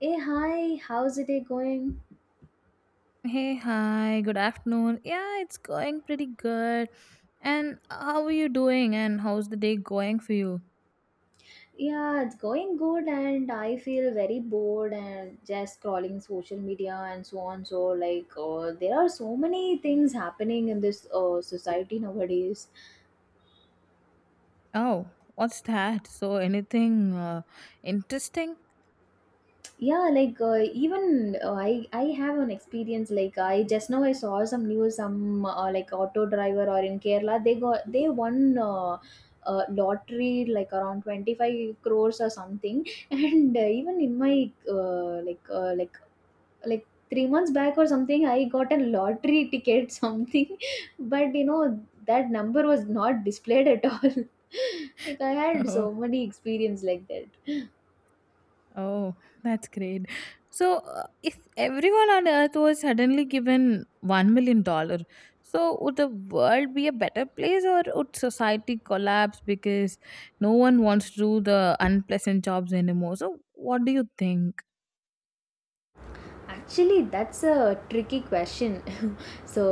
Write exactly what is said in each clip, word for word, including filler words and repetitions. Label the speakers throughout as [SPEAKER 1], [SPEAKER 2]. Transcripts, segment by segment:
[SPEAKER 1] Hey, hi, how's the day going?
[SPEAKER 2] Hey, hi, good afternoon. Yeah, it's going pretty good. And how are you doing? And how's the day going for you?
[SPEAKER 1] Yeah, it's going good, and I feel very bored and just scrolling social media and so on. So, like, uh, there are so many things happening in this uh, society nowadays.
[SPEAKER 2] Oh, what's that? So, anything uh, interesting?
[SPEAKER 1] Yeah, like, uh, even uh, I, I have an experience. Like, I just now I saw some news, some uh, like auto driver or in Kerala, they got they won. Uh, uh, lottery, like around twenty-five crores or something. And uh, even in my uh, like uh, like like three months back or something, I got a lottery ticket something, but you know that number was not displayed at all. Like I had so many experience like that.
[SPEAKER 2] Oh, that's great. So, uh, if everyone on earth was suddenly given one million dollar, so would the world be a better place or would society collapse because no one wants to do the unpleasant jobs anymore? So, what do you think?
[SPEAKER 1] Actually, that's a tricky question. So,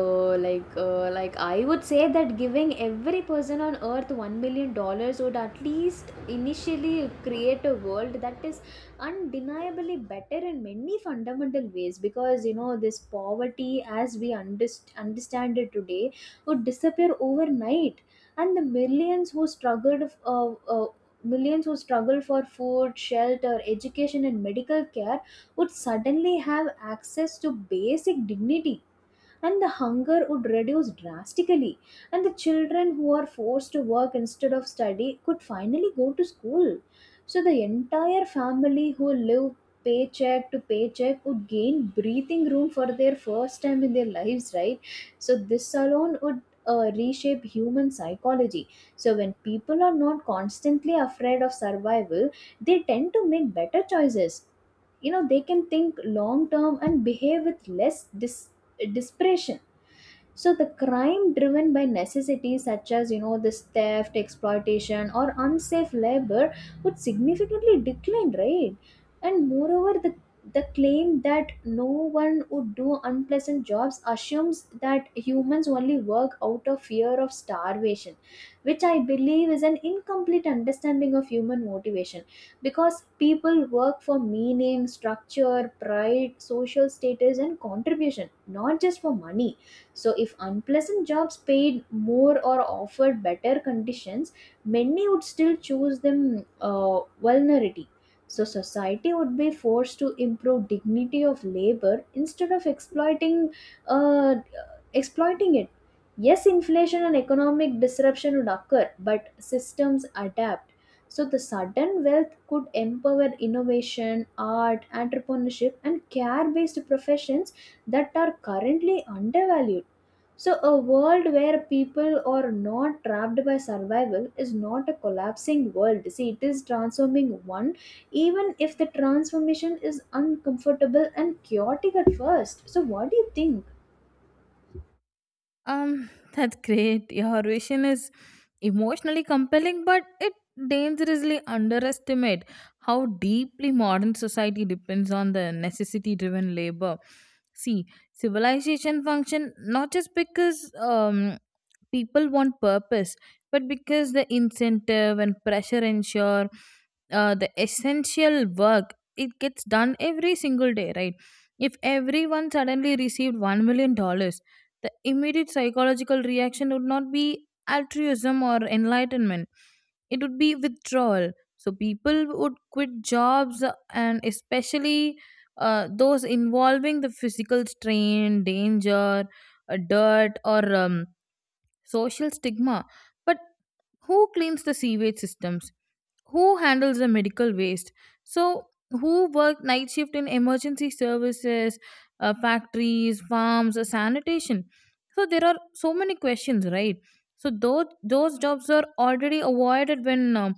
[SPEAKER 1] like uh, like I would say that giving every person on earth one million dollars would at least initially create a world that is undeniably better in many fundamental ways, because you know this poverty as we underst- understand it today would disappear overnight, and the millions who struggled f- uh, uh, millions who struggle for food, shelter, education and medical care would suddenly have access to basic dignity, and the hunger would reduce drastically, and the children who are forced to work instead of study could finally go to school. So the entire family who live paycheck to paycheck would gain breathing room for their first time in their lives, right? So this alone would uh, reshape human psychology. So when people are not constantly afraid of survival, they tend to make better choices. You know, they can think long term and behave with less dis- desperation. So the crime driven by necessity, such as you know this theft, exploitation or unsafe labor, would significantly decline, right? And moreover, the the claim that no one would do unpleasant jobs assumes that humans only work out of fear of starvation, which I believe is an incomplete understanding of human motivation, because people work for meaning, structure, pride, social status, and contribution, not just for money. So, if unpleasant jobs paid more or offered better conditions, many would still choose them uh, vulnerability. So, society would be forced to improve dignity of labor instead of exploiting uh, exploiting it. Yes, inflation and economic disruption would occur, but systems adapt. So, the sudden wealth could empower innovation, art, entrepreneurship, and care based professions that are currently undervalued. So, a world where people are not trapped by survival is not a collapsing world. See, it is transforming one, even if the transformation is uncomfortable and chaotic at first. So, what do you think?
[SPEAKER 2] Um, that's great. Your vision is emotionally compelling, but it dangerously underestimate how deeply modern society depends on the necessity-driven labor. See, civilization function not just because um people want purpose, but because the incentive and pressure ensure uh, the essential work it gets done every single day, right? If everyone suddenly received one million dollars, the immediate psychological reaction would not be altruism or enlightenment, it would be withdrawal. So people would quit jobs and especially uh, those involving the physical strain, danger, uh, dirt, or um, social stigma. But who cleans the sewage systems? Who handles the medical waste? So who work night shift in emergency services, uh, factories, farms, uh, sanitation? So there are so many questions, right? So those those jobs are already avoided when um,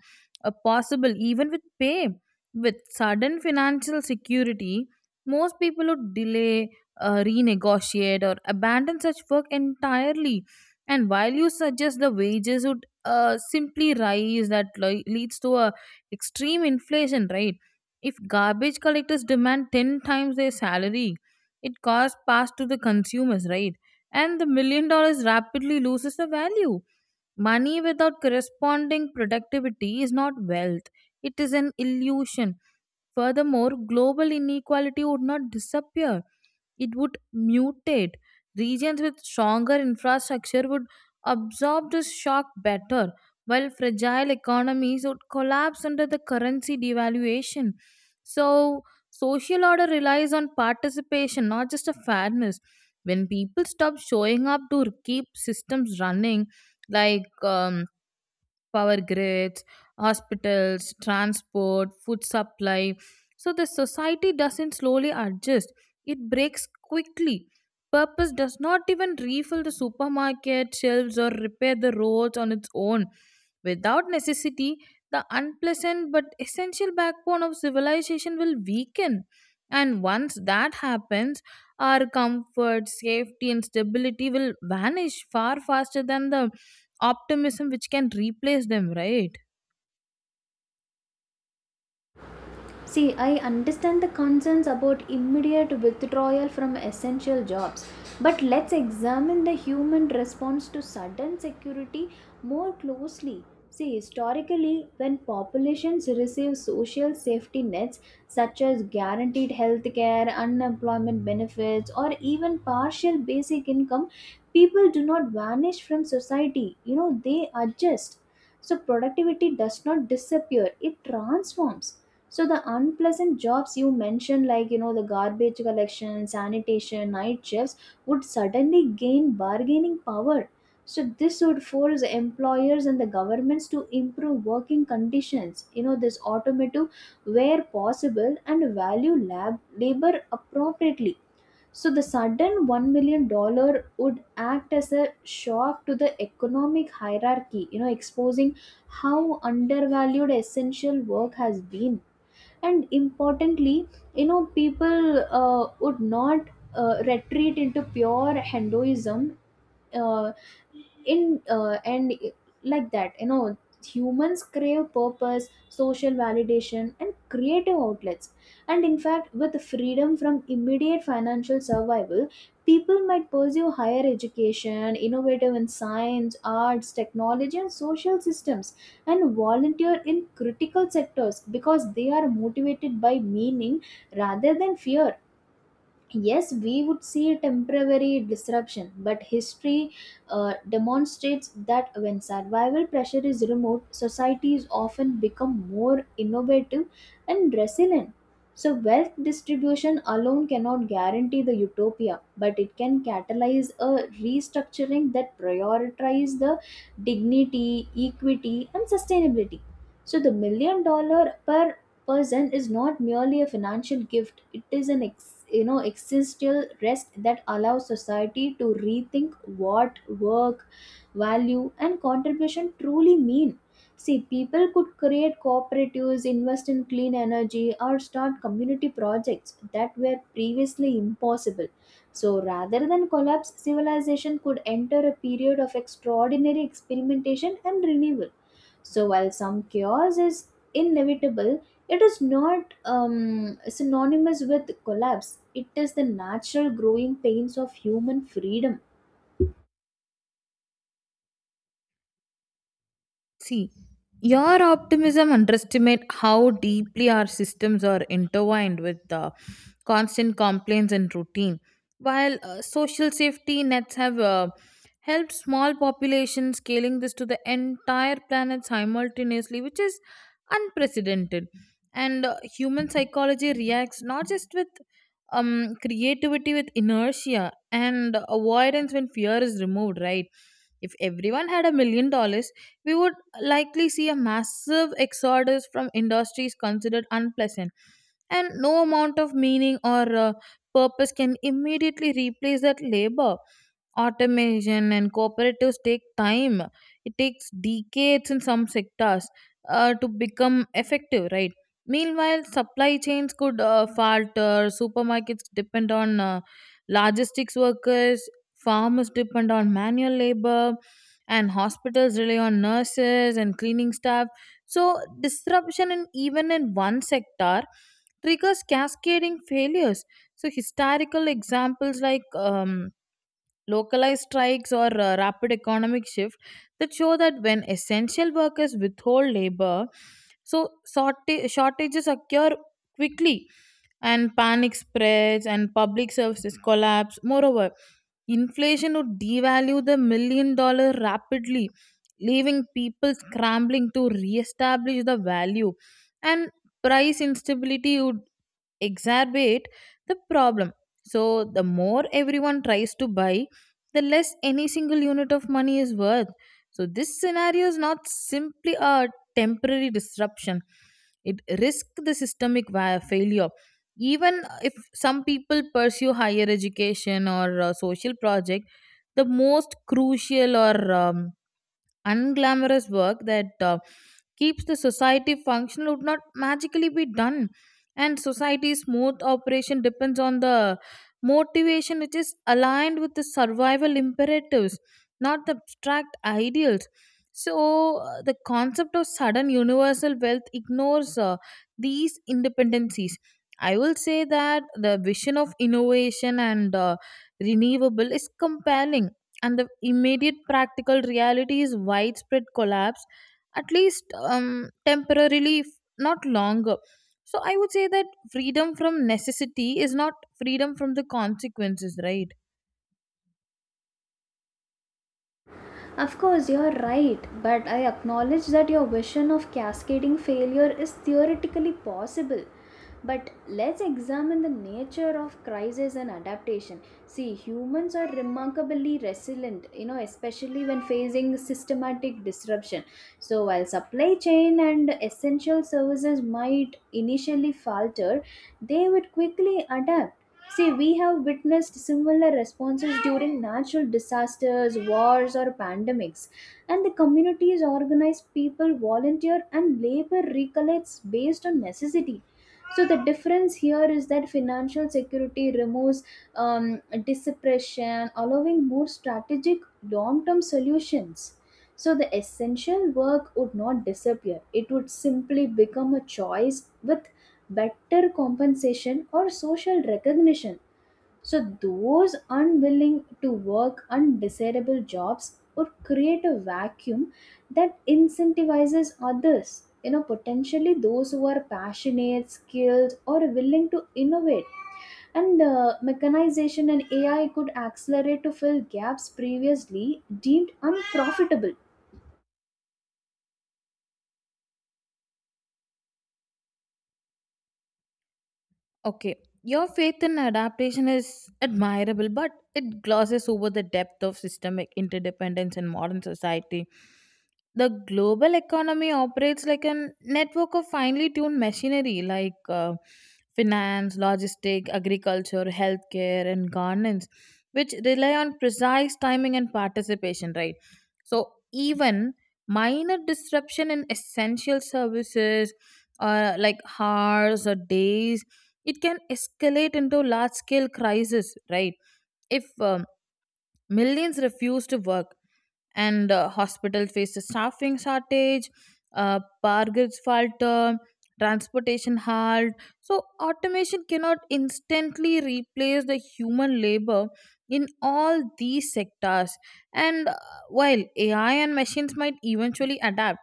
[SPEAKER 2] uh, possible, even with pay. With sudden financial security, most people would delay, uh, renegotiate, or abandon such work entirely. And while you suggest the wages would uh, simply rise, that li- leads to a extreme inflation, right? If garbage collectors demand ten times their salary, it costs passed to the consumers, right? And the million dollars rapidly loses the value. Money without corresponding productivity is not wealth, it is an illusion. Furthermore, global inequality would not disappear, it would mutate. Regions with stronger infrastructure would absorb this shock better, while fragile economies would collapse under the currency devaluation. So, social order relies on participation, not just a fairness. When people stop showing up to keep systems running, like um, power grids, hospitals, transport, food supply. So the society doesn't slowly adjust, it breaks quickly. Purpose does not even refill the supermarket shelves or repair the roads on its own. Without necessity, the unpleasant but essential backbone of civilization will weaken. And once that happens, our comfort, safety, and stability will vanish far faster than the optimism which can replace them, right?
[SPEAKER 1] See, I understand the concerns about immediate withdrawal from essential jobs, but let's examine the human response to sudden security more closely. See, historically, when populations receive social safety nets such as guaranteed health care, unemployment benefits, or even partial basic income, people do not vanish from society. You know, they adjust. So, productivity does not disappear, it transforms. So the unpleasant jobs you mentioned, like you know the garbage collection, sanitation, night shifts, would suddenly gain bargaining power. So this would force employers and the governments to improve working conditions. You know this automotive where possible, and value lab labor appropriately. So the sudden one million dollar would act as a shock to the economic hierarchy. You know, exposing how undervalued essential work has been. And importantly, you know, people uh, would not uh, retreat into pure hinduism uh, in uh, and uh, like that. You know, humans crave purpose, social validation and creative outlets, and in fact, with freedom from immediate financial survival, people might pursue higher education, innovative in science, arts, technology and social systems, and volunteer in critical sectors because they are motivated by meaning rather than fear. Yes, we would see a temporary disruption, but history uh, demonstrates that when survival pressure is removed, societies often become more innovative and resilient. So wealth distribution alone cannot guarantee the utopia, but it can catalyze a restructuring that prioritizes the dignity, equity and sustainability. So the million dollar per person is not merely a financial gift, it is an ex, you know, existential rest that allows society to rethink what work, value and contribution truly mean. See, people could create cooperatives, invest in clean energy or start community projects that were previously impossible. So rather than collapse, civilization could enter a period of extraordinary experimentation and renewal. So while some chaos is inevitable, it is not um, synonymous with collapse, it is the natural growing pains of human freedom.
[SPEAKER 2] See, your optimism underestimate how deeply our systems are intertwined with the constant complaints and routine. While uh, social safety nets have uh, helped small populations, scaling this to the entire planet simultaneously, which is unprecedented. And uh, human psychology reacts not just with um, creativity, with inertia and avoidance when fear is removed, right? If everyone had a million dollars, we would likely see a massive exodus from industries considered unpleasant, and no amount of meaning or uh, purpose can immediately replace that labor. Automation and cooperatives take time, it takes decades in some sectors uh, to become effective, right? Meanwhile, supply chains could uh, falter. Supermarkets depend on uh, logistics workers, farmers depend on manual labor, and hospitals rely on nurses and cleaning staff. So disruption in even in one sector triggers cascading failures. So historical examples like um, localized strikes or uh, rapid economic shift that show that when essential workers withhold labor, so shorta- shortages occur quickly, and panic spreads and public services collapse. Moreover, inflation would devalue the million dollar rapidly, leaving people scrambling to re-establish the value, and price instability would exacerbate the problem. So, the more everyone tries to buy, the less any single unit of money is worth. So, this scenario is not simply a temporary disruption, it risks the systemic va- failure. Even if some people pursue higher education or uh, social project, the most crucial or um, unglamorous work that uh, keeps the society functional would not magically be done, and society's smooth operation depends on the motivation which is aligned with the survival imperatives, not the abstract ideals. So uh, the concept of sudden universal wealth ignores uh, these independencies. I will say that the vision of innovation and uh, renewable is compelling, and the immediate practical reality is widespread collapse, at least um, temporarily, f- not longer. So I would say that freedom from necessity is not freedom from the consequences, right?
[SPEAKER 1] Of course, you're right, but I acknowledge that your vision of cascading failure is theoretically possible. But let's examine the nature of crisis and adaptation. See, humans are remarkably resilient, you know, especially when facing systematic disruption. So, while supply chain and essential services might initially falter, they would quickly adapt. See, we have witnessed similar responses during natural disasters, wars, or pandemics, and the communities organize people, volunteer, and labor recollects based on necessity. So, the difference here is that financial security removes um, dispersion, allowing more strategic long term solutions. So, the essential work would not disappear, it would simply become a choice with better compensation or social recognition. So, those unwilling to work undesirable jobs or create a vacuum that incentivizes others, you know, potentially those who are passionate, skilled, or willing to innovate. And uh, mechanization and A I could accelerate to fill gaps previously deemed unprofitable.
[SPEAKER 2] Okay, your faith in adaptation is admirable, but it glosses over the depth of systemic interdependence in modern society. The global economy operates like a network of finely tuned machinery, like uh, finance, logistic, agriculture, healthcare, and governance, which rely on precise timing and participation, right? So, even minor disruption in essential services or like hours or days, it can escalate into large scale crisis, right? If um, millions refuse to work, and uh, hospital faces staffing shortage, uh, bargains falter, transportation halt. So automation cannot instantly replace the human labor in all these sectors. And uh, while A I and machines might eventually adapt,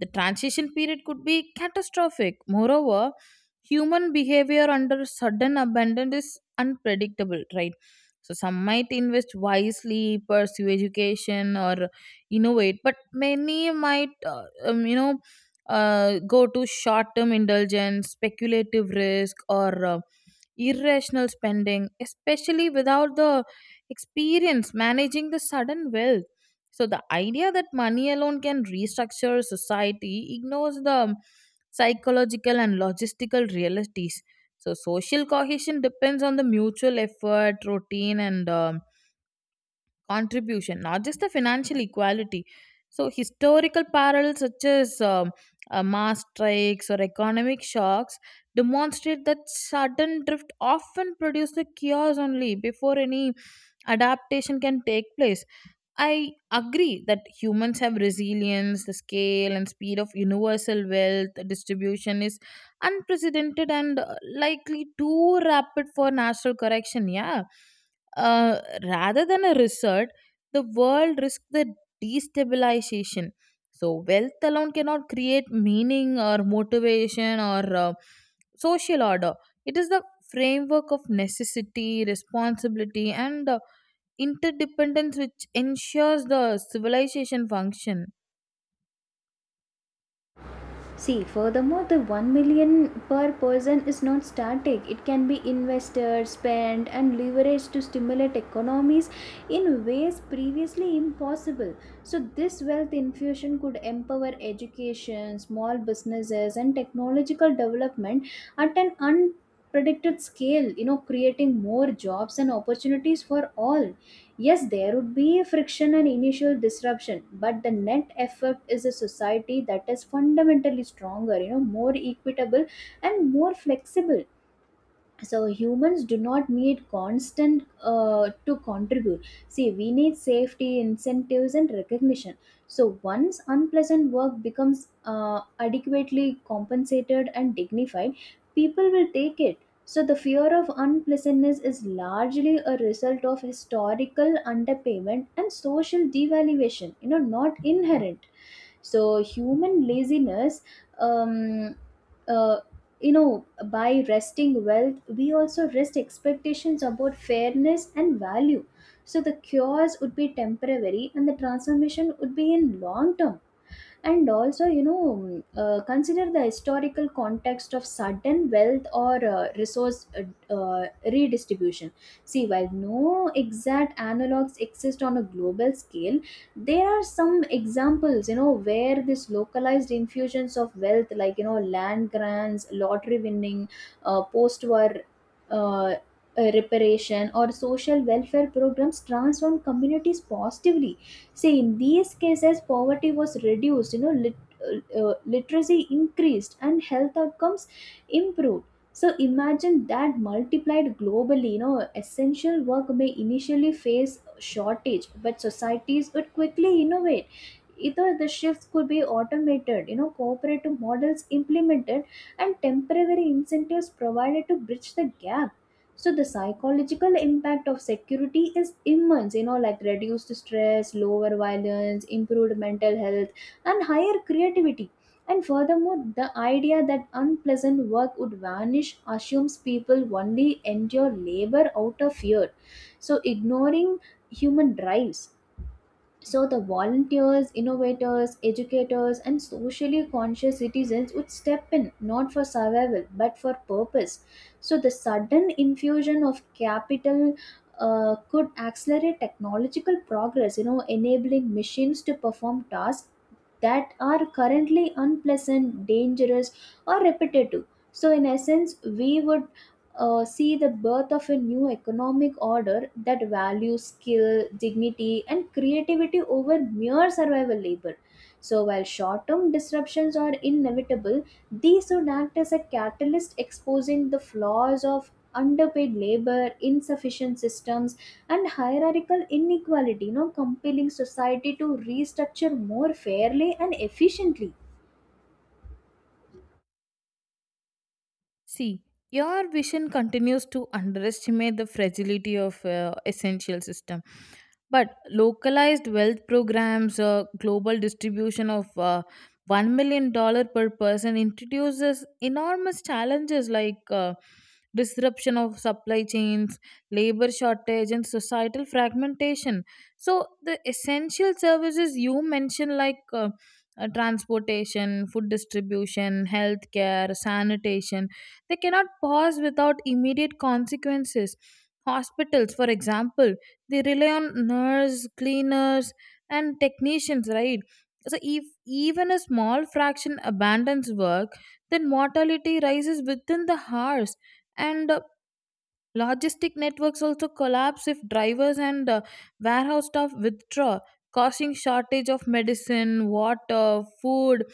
[SPEAKER 2] the transition period could be catastrophic. Moreover, human behavior under sudden abandon is unpredictable, right? So some might invest wisely, pursue education, or innovate, but many might uh, um, you know uh, go to short term indulgence, speculative risk, or uh, irrational spending, especially without the experience managing the sudden wealth. So the idea that money alone can restructure society ignores the psychological and logistical realities. So social cohesion depends on the mutual effort, routine, and um, contribution, not just the financial equality. So, historical parallels such as um, uh, mass strikes or economic shocks demonstrate that sudden drift often produces chaos only before any adaptation can take place. I agree that humans have resilience, the scale and speed of universal wealth distribution is unprecedented and uh, likely too rapid for natural correction. Yeah. Uh, rather than a resort, the world risks the destabilization. So, wealth alone cannot create meaning or motivation or uh, social order. It is the framework of necessity, responsibility, and uh, interdependence which ensures the civilization function.
[SPEAKER 1] See, furthermore, the one million per person is not static. It can be invested, spent, and leveraged to stimulate economies in ways previously impossible. So, this wealth infusion could empower education, small businesses, and technological development at an unpredicted scale, you know, creating more jobs and opportunities for all. Yes, there would be friction and initial disruption, but the net effect is a society that is fundamentally stronger, you know, more equitable and more flexible. So humans do not need constant uh, to contribute. See, we need safety, incentives and recognition. So once unpleasant work becomes uh, adequately compensated and dignified, people will take it. So the fear of unpleasantness is largely a result of historical underpayment and social devaluation, you know, not inherent. So human laziness, um, uh, you know, by resting wealth we also rest expectations about fairness and value. So the cures would be temporary and the transformation would be in long term. And also, you know, mm, uh, consider the historical context of sudden wealth or uh, resource uh, uh, redistribution. See, while no exact analogs exist on a global scale, there are some examples, you know, where this localized infusions of wealth, like you know, land grants, lottery winning, uh, post-war uh, uh, reparation or social welfare programs transform communities positively. See, in these cases, poverty was reduced, you know, lit- uh, uh, literacy increased, and health outcomes improved. So imagine that multiplied globally, you know, essential work may initially face shortage, but societies would quickly innovate. Either the shifts could be automated, you know, cooperative models implemented, and temporary incentives provided to bridge the gap. So the psychological impact of security is immense, you know, like reduced stress, lower violence, improved mental health and higher creativity. And furthermore, the idea that unpleasant work would vanish assumes people only endure labor out of fear, so ignoring human drives. So the volunteers, innovators, educators, and socially conscious citizens would step in not for survival but for purpose. So the sudden infusion of capital uh, could accelerate technological progress, you know, enabling machines to perform tasks that are currently unpleasant, dangerous, or repetitive. So, in essence, we would uh, see the birth of a new economic order that values skill, dignity, and creativity over mere survival labor. So, while short term disruptions are inevitable, these would act as a catalyst exposing the flaws of underpaid labor, insufficient systems, and hierarchical inequality, you know, compelling society to restructure more fairly and efficiently.
[SPEAKER 2] See, your vision continues to underestimate the fragility of uh, essential system. But localized wealth programs or global distribution of uh, one million dollars per person introduces enormous challenges like uh, disruption of supply chains, labor shortage, and societal fragmentation. So, the essential services you mentioned, like uh, uh, transportation, food distribution, healthcare, sanitation, they cannot pause without immediate consequences. Hospitals, for example, they rely on nurse, cleaners, and technicians, right? So if even a small fraction abandons work, then mortality rises within the hours. And uh, logistic networks also collapse if drivers and uh, warehouse staff withdraw, causing shortage of medicine, water, food.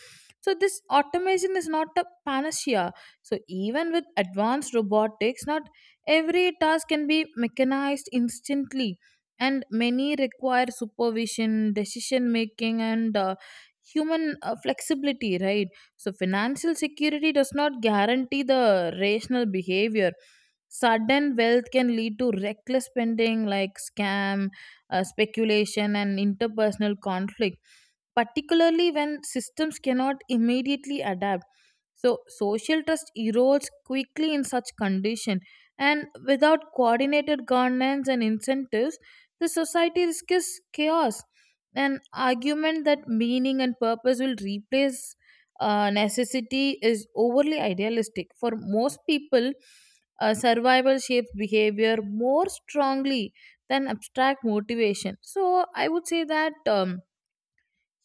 [SPEAKER 2] So this automation is not a panacea. So even with advanced robotics, not every task can be mechanized instantly, and many require supervision, decision making, and uh, human uh, flexibility. Right. So financial security does not guarantee the rational behavior. Sudden wealth can lead to reckless spending like scam, uh, speculation, and interpersonal conflict, particularly when systems cannot immediately adapt. So social trust erodes quickly in such condition, and without coordinated governance and incentives, the society risks chaos. An argument that meaning and purpose will replace uh, necessity is overly idealistic for most people. uh, survival shapes behavior more strongly than abstract motivation. So I would say that um,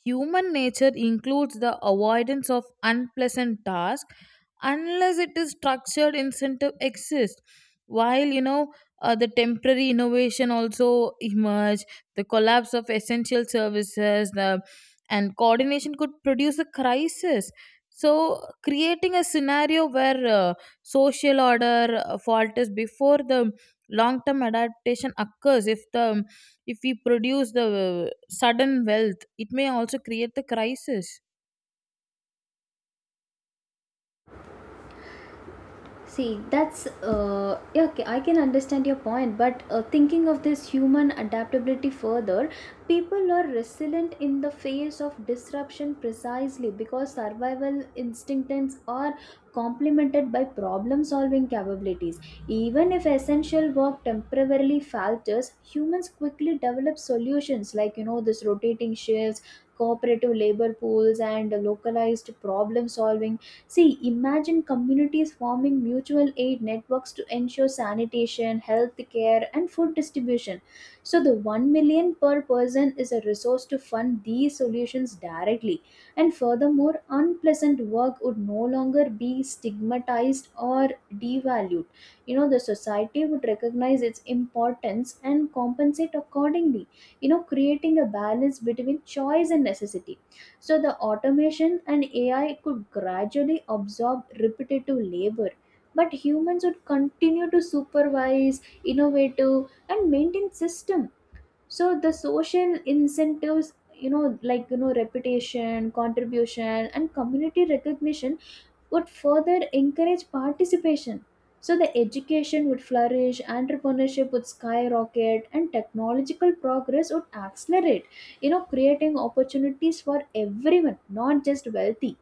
[SPEAKER 2] human nature includes the avoidance of unpleasant tasks unless it is structured incentive exists. While you know uh, the temporary innovation also emerge, the collapse of essential services, the and coordination could produce a crisis. So, creating a scenario where uh, social order uh, falters before the long-term adaptation occurs, if the if we produce the sudden wealth, it may also create the crisis.
[SPEAKER 1] See, that's uh, yeah, okay, I can understand your point, but uh, thinking of this human adaptability further, people are resilient in the face of disruption precisely because survival instincts are complemented by problem solving capabilities. Even if essential work temporarily falters, humans quickly develop solutions, like you know, this rotating shifts, cooperative labor pools, and localized problem solving. See, imagine communities forming mutual aid networks to ensure sanitation, health care, and food distribution. So, the one million per person is a resource to fund these solutions directly. And furthermore, unpleasant work would no longer be stigmatized or devalued. You know, the society would recognize its importance and compensate accordingly, you know, creating a balance between choice and necessity. So the automation and A I could gradually absorb repetitive labor, but humans would continue to supervise, innovate, and maintain system. So the social incentives, you know, like you know, reputation, contribution, and community recognition would further encourage participation. So the education would flourish, entrepreneurship would skyrocket, and technological progress would accelerate, you know, creating opportunities for everyone, not just wealthy.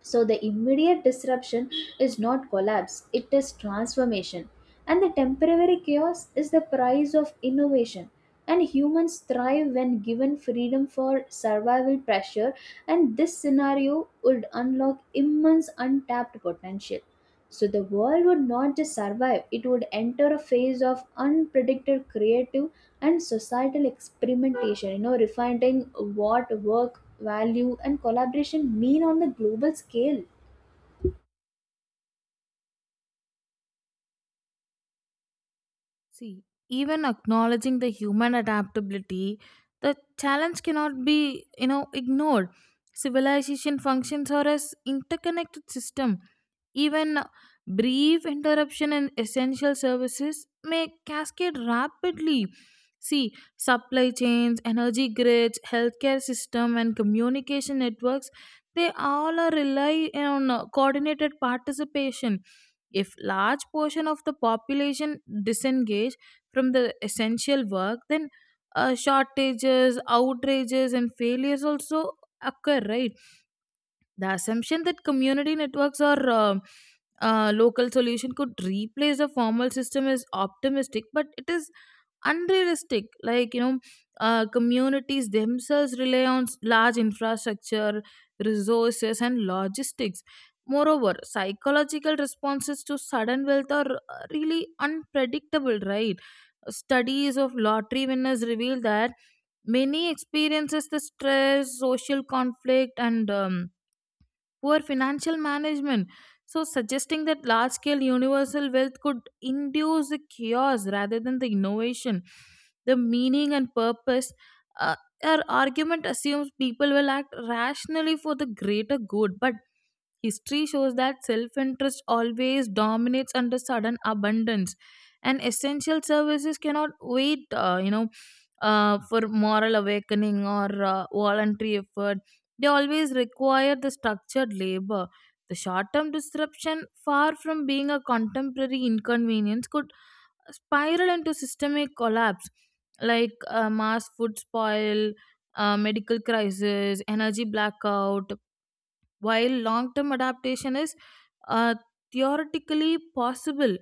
[SPEAKER 1] So the immediate disruption is not collapse, it is transformation. And the temporary chaos is the price of innovation. And humans thrive when given freedom for survival pressure, and this scenario would unlock immense untapped potential. So the world would not just survive, it would enter a phase of unpredicted creative and societal experimentation, you know, refining what work value and collaboration mean on the global scale.
[SPEAKER 2] See, even acknowledging the human adaptability, the challenge cannot be, you know, ignored. Civilization functions are as interconnected system. Even brief interruption in essential services may cascade rapidly. See, supply chains, energy grids, healthcare system, and communication networks, they all are rely on uh, coordinated participation. If large portion of the population disengage from the essential work, then uh, shortages, outrages, and failures also occur. Right? The assumption that community networks or um, uh, local solution could replace the formal system is optimistic, but it is unrealistic, like you know uh, communities themselves rely on s- large infrastructure, resources, and logistics. Moreover, psychological responses to sudden wealth are uh, really unpredictable, right? Studies of lottery winners reveal that many experiences the stress, social conflict, and um, poor financial management. So, suggesting that large scale universal wealth could induce the chaos rather than the innovation, the meaning and purpose. Uh, our argument assumes people will act rationally for the greater good, but history shows that self interest always dominates under sudden abundance, and essential services cannot wait, uh, you know, uh, for moral awakening or uh, voluntary effort. They always require the structured labor. The short term disruption, far from being a contemporary inconvenience, could spiral into systemic collapse, like uh, mass food spoil, uh, medical crisis, energy blackout, while long term adaptation is uh, theoretically possible,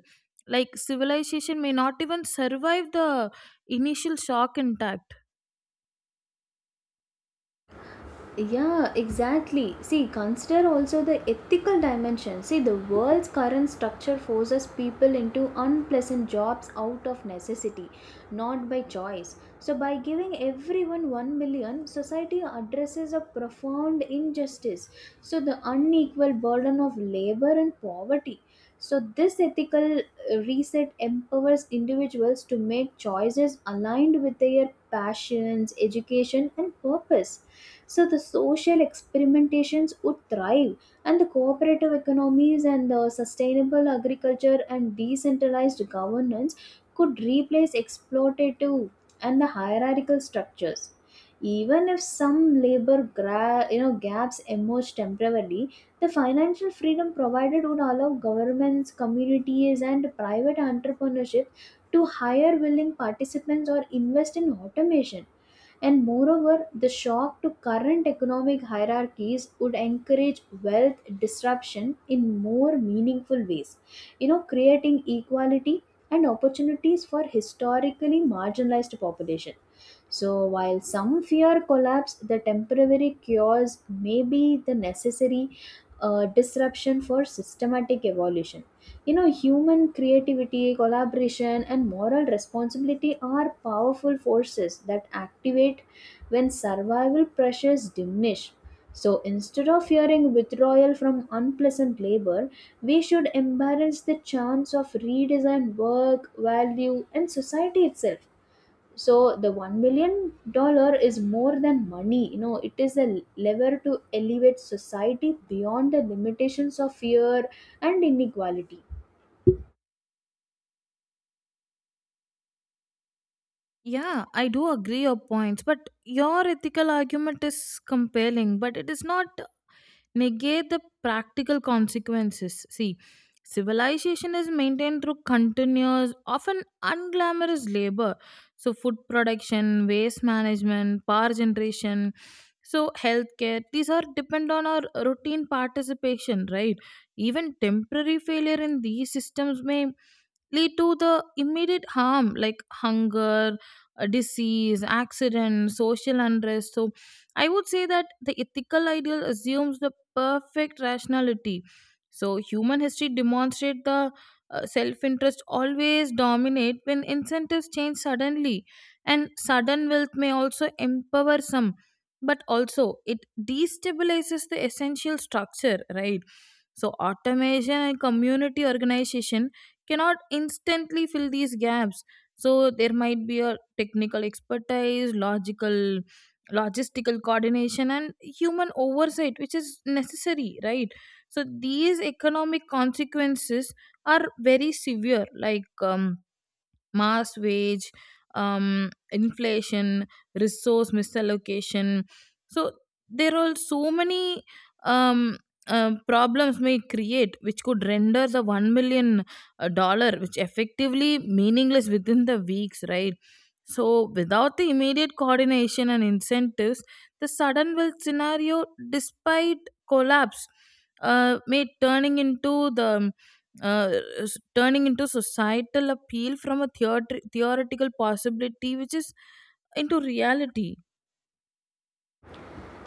[SPEAKER 2] like civilization may not even survive the initial shock intact.
[SPEAKER 1] Yeah, exactly. See, consider also the ethical dimension. See, the world's current structure forces people into unpleasant jobs out of necessity, not by choice. So, by giving everyone 1 million, society addresses a profound injustice. So, the unequal burden of labor and poverty. So, this ethical uh, reset empowers individuals to make choices aligned with their passions, education, and purpose, so the social experimentations would thrive, and the cooperative economies and the sustainable agriculture and decentralized governance could replace exploitative and the hierarchical structures. Even if some labor gra- you know gaps emerge temporarily, the financial freedom provided would allow governments, communities, and private entrepreneurship to hire willing participants or invest in automation. And moreover, the shock to current economic hierarchies would encourage wealth disruption in more meaningful ways, you know, creating equality and opportunities for historically marginalized population. So while some fear collapse, the temporary cures may be the necessary uh, disruption for systematic evolution. You know, human creativity, collaboration, and moral responsibility are powerful forces that activate when survival pressures diminish. So instead of fearing withdrawal from unpleasant labor, we should embrace the chance of redesign work, value, and society itself. So the one million dollar is more than money. You know, it is a lever to elevate society beyond the limitations of fear and inequality.
[SPEAKER 2] Yeah, I do agree your points but your ethical argument is compelling but it is not negate the practical consequences. See, civilization is maintained through continuous, often unglamorous labor. So, food production, waste management, power generation, so healthcare, these are depend on our routine participation, right? Even temporary failure in these systems may lead to the immediate harm like hunger, uh, disease, accident, social unrest. So I would say that the ethical ideal assumes the perfect rationality. So human history demonstrates the uh, self-interest always dominate when incentives change suddenly and sudden wealth may also empower some but also it destabilizes the essential structure right so automation and community organization cannot instantly fill these gaps so there might be a technical expertise logical logistical coordination and human oversight which is necessary right so these economic consequences are very severe like um, mass wage um inflation resource misallocation so there are so many um um problems may create which could render the one million uh, dollar which effectively meaningless within the weeks right so without the immediate coordination and incentives the sudden wealth scenario despite collapse uh, may turning into the uh, s- turning into societal appeal from a theoret- theoretical possibility which is into reality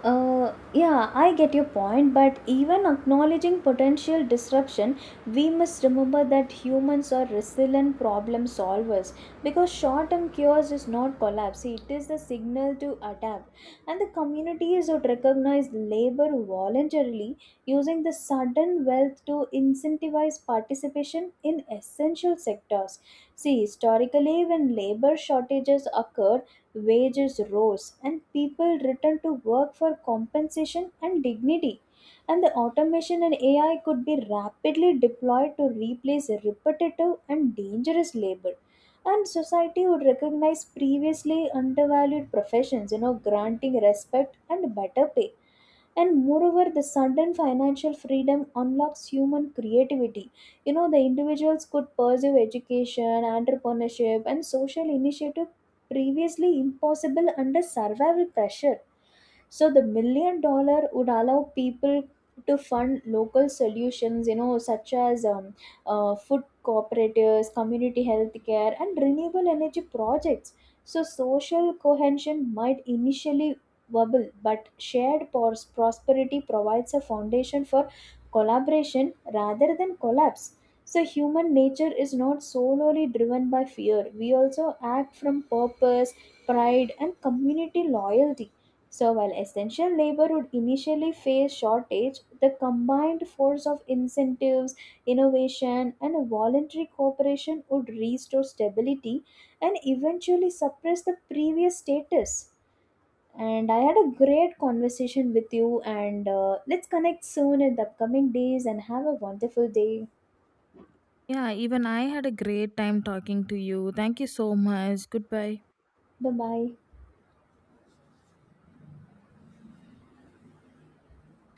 [SPEAKER 1] Uh, yeah, I get your point, but even acknowledging potential disruption, we must remember that humans are resilient problem solvers, because short term chaos is not collapse, it is the signal to adapt. And the communities would recognize labor voluntarily, using the sudden wealth to incentivize participation in essential sectors. See, historically, when labor shortages occurred, wages rose, and people returned to work for compensation and dignity. And the automation and A I could be rapidly deployed to replace repetitive and dangerous labor. And society would recognize previously undervalued professions, you know, granting respect and better pay. And moreover, the sudden financial freedom unlocks human creativity. You know, the individuals could pursue education, entrepreneurship, and social initiative previously impossible under survival pressure. So the million dollar would allow people to fund local solutions, you know, such as um, uh, food cooperatives, community health care, and renewable energy projects. So social cohesion might initially wobble, but shared pros- prosperity provides a foundation for collaboration rather than collapse. So, human nature is not solely driven by fear. We also act from purpose, pride, and community loyalty. So, while essential labor would initially face shortage, the combined force of incentives, innovation, and a voluntary cooperation would restore stability and eventually suppress the previous status. And I had a great conversation with you, and uh, let's connect soon in the upcoming days and have a wonderful day.
[SPEAKER 2] yeah even I had a great time talking to you, thank you so much, goodbye.
[SPEAKER 1] Bye bye.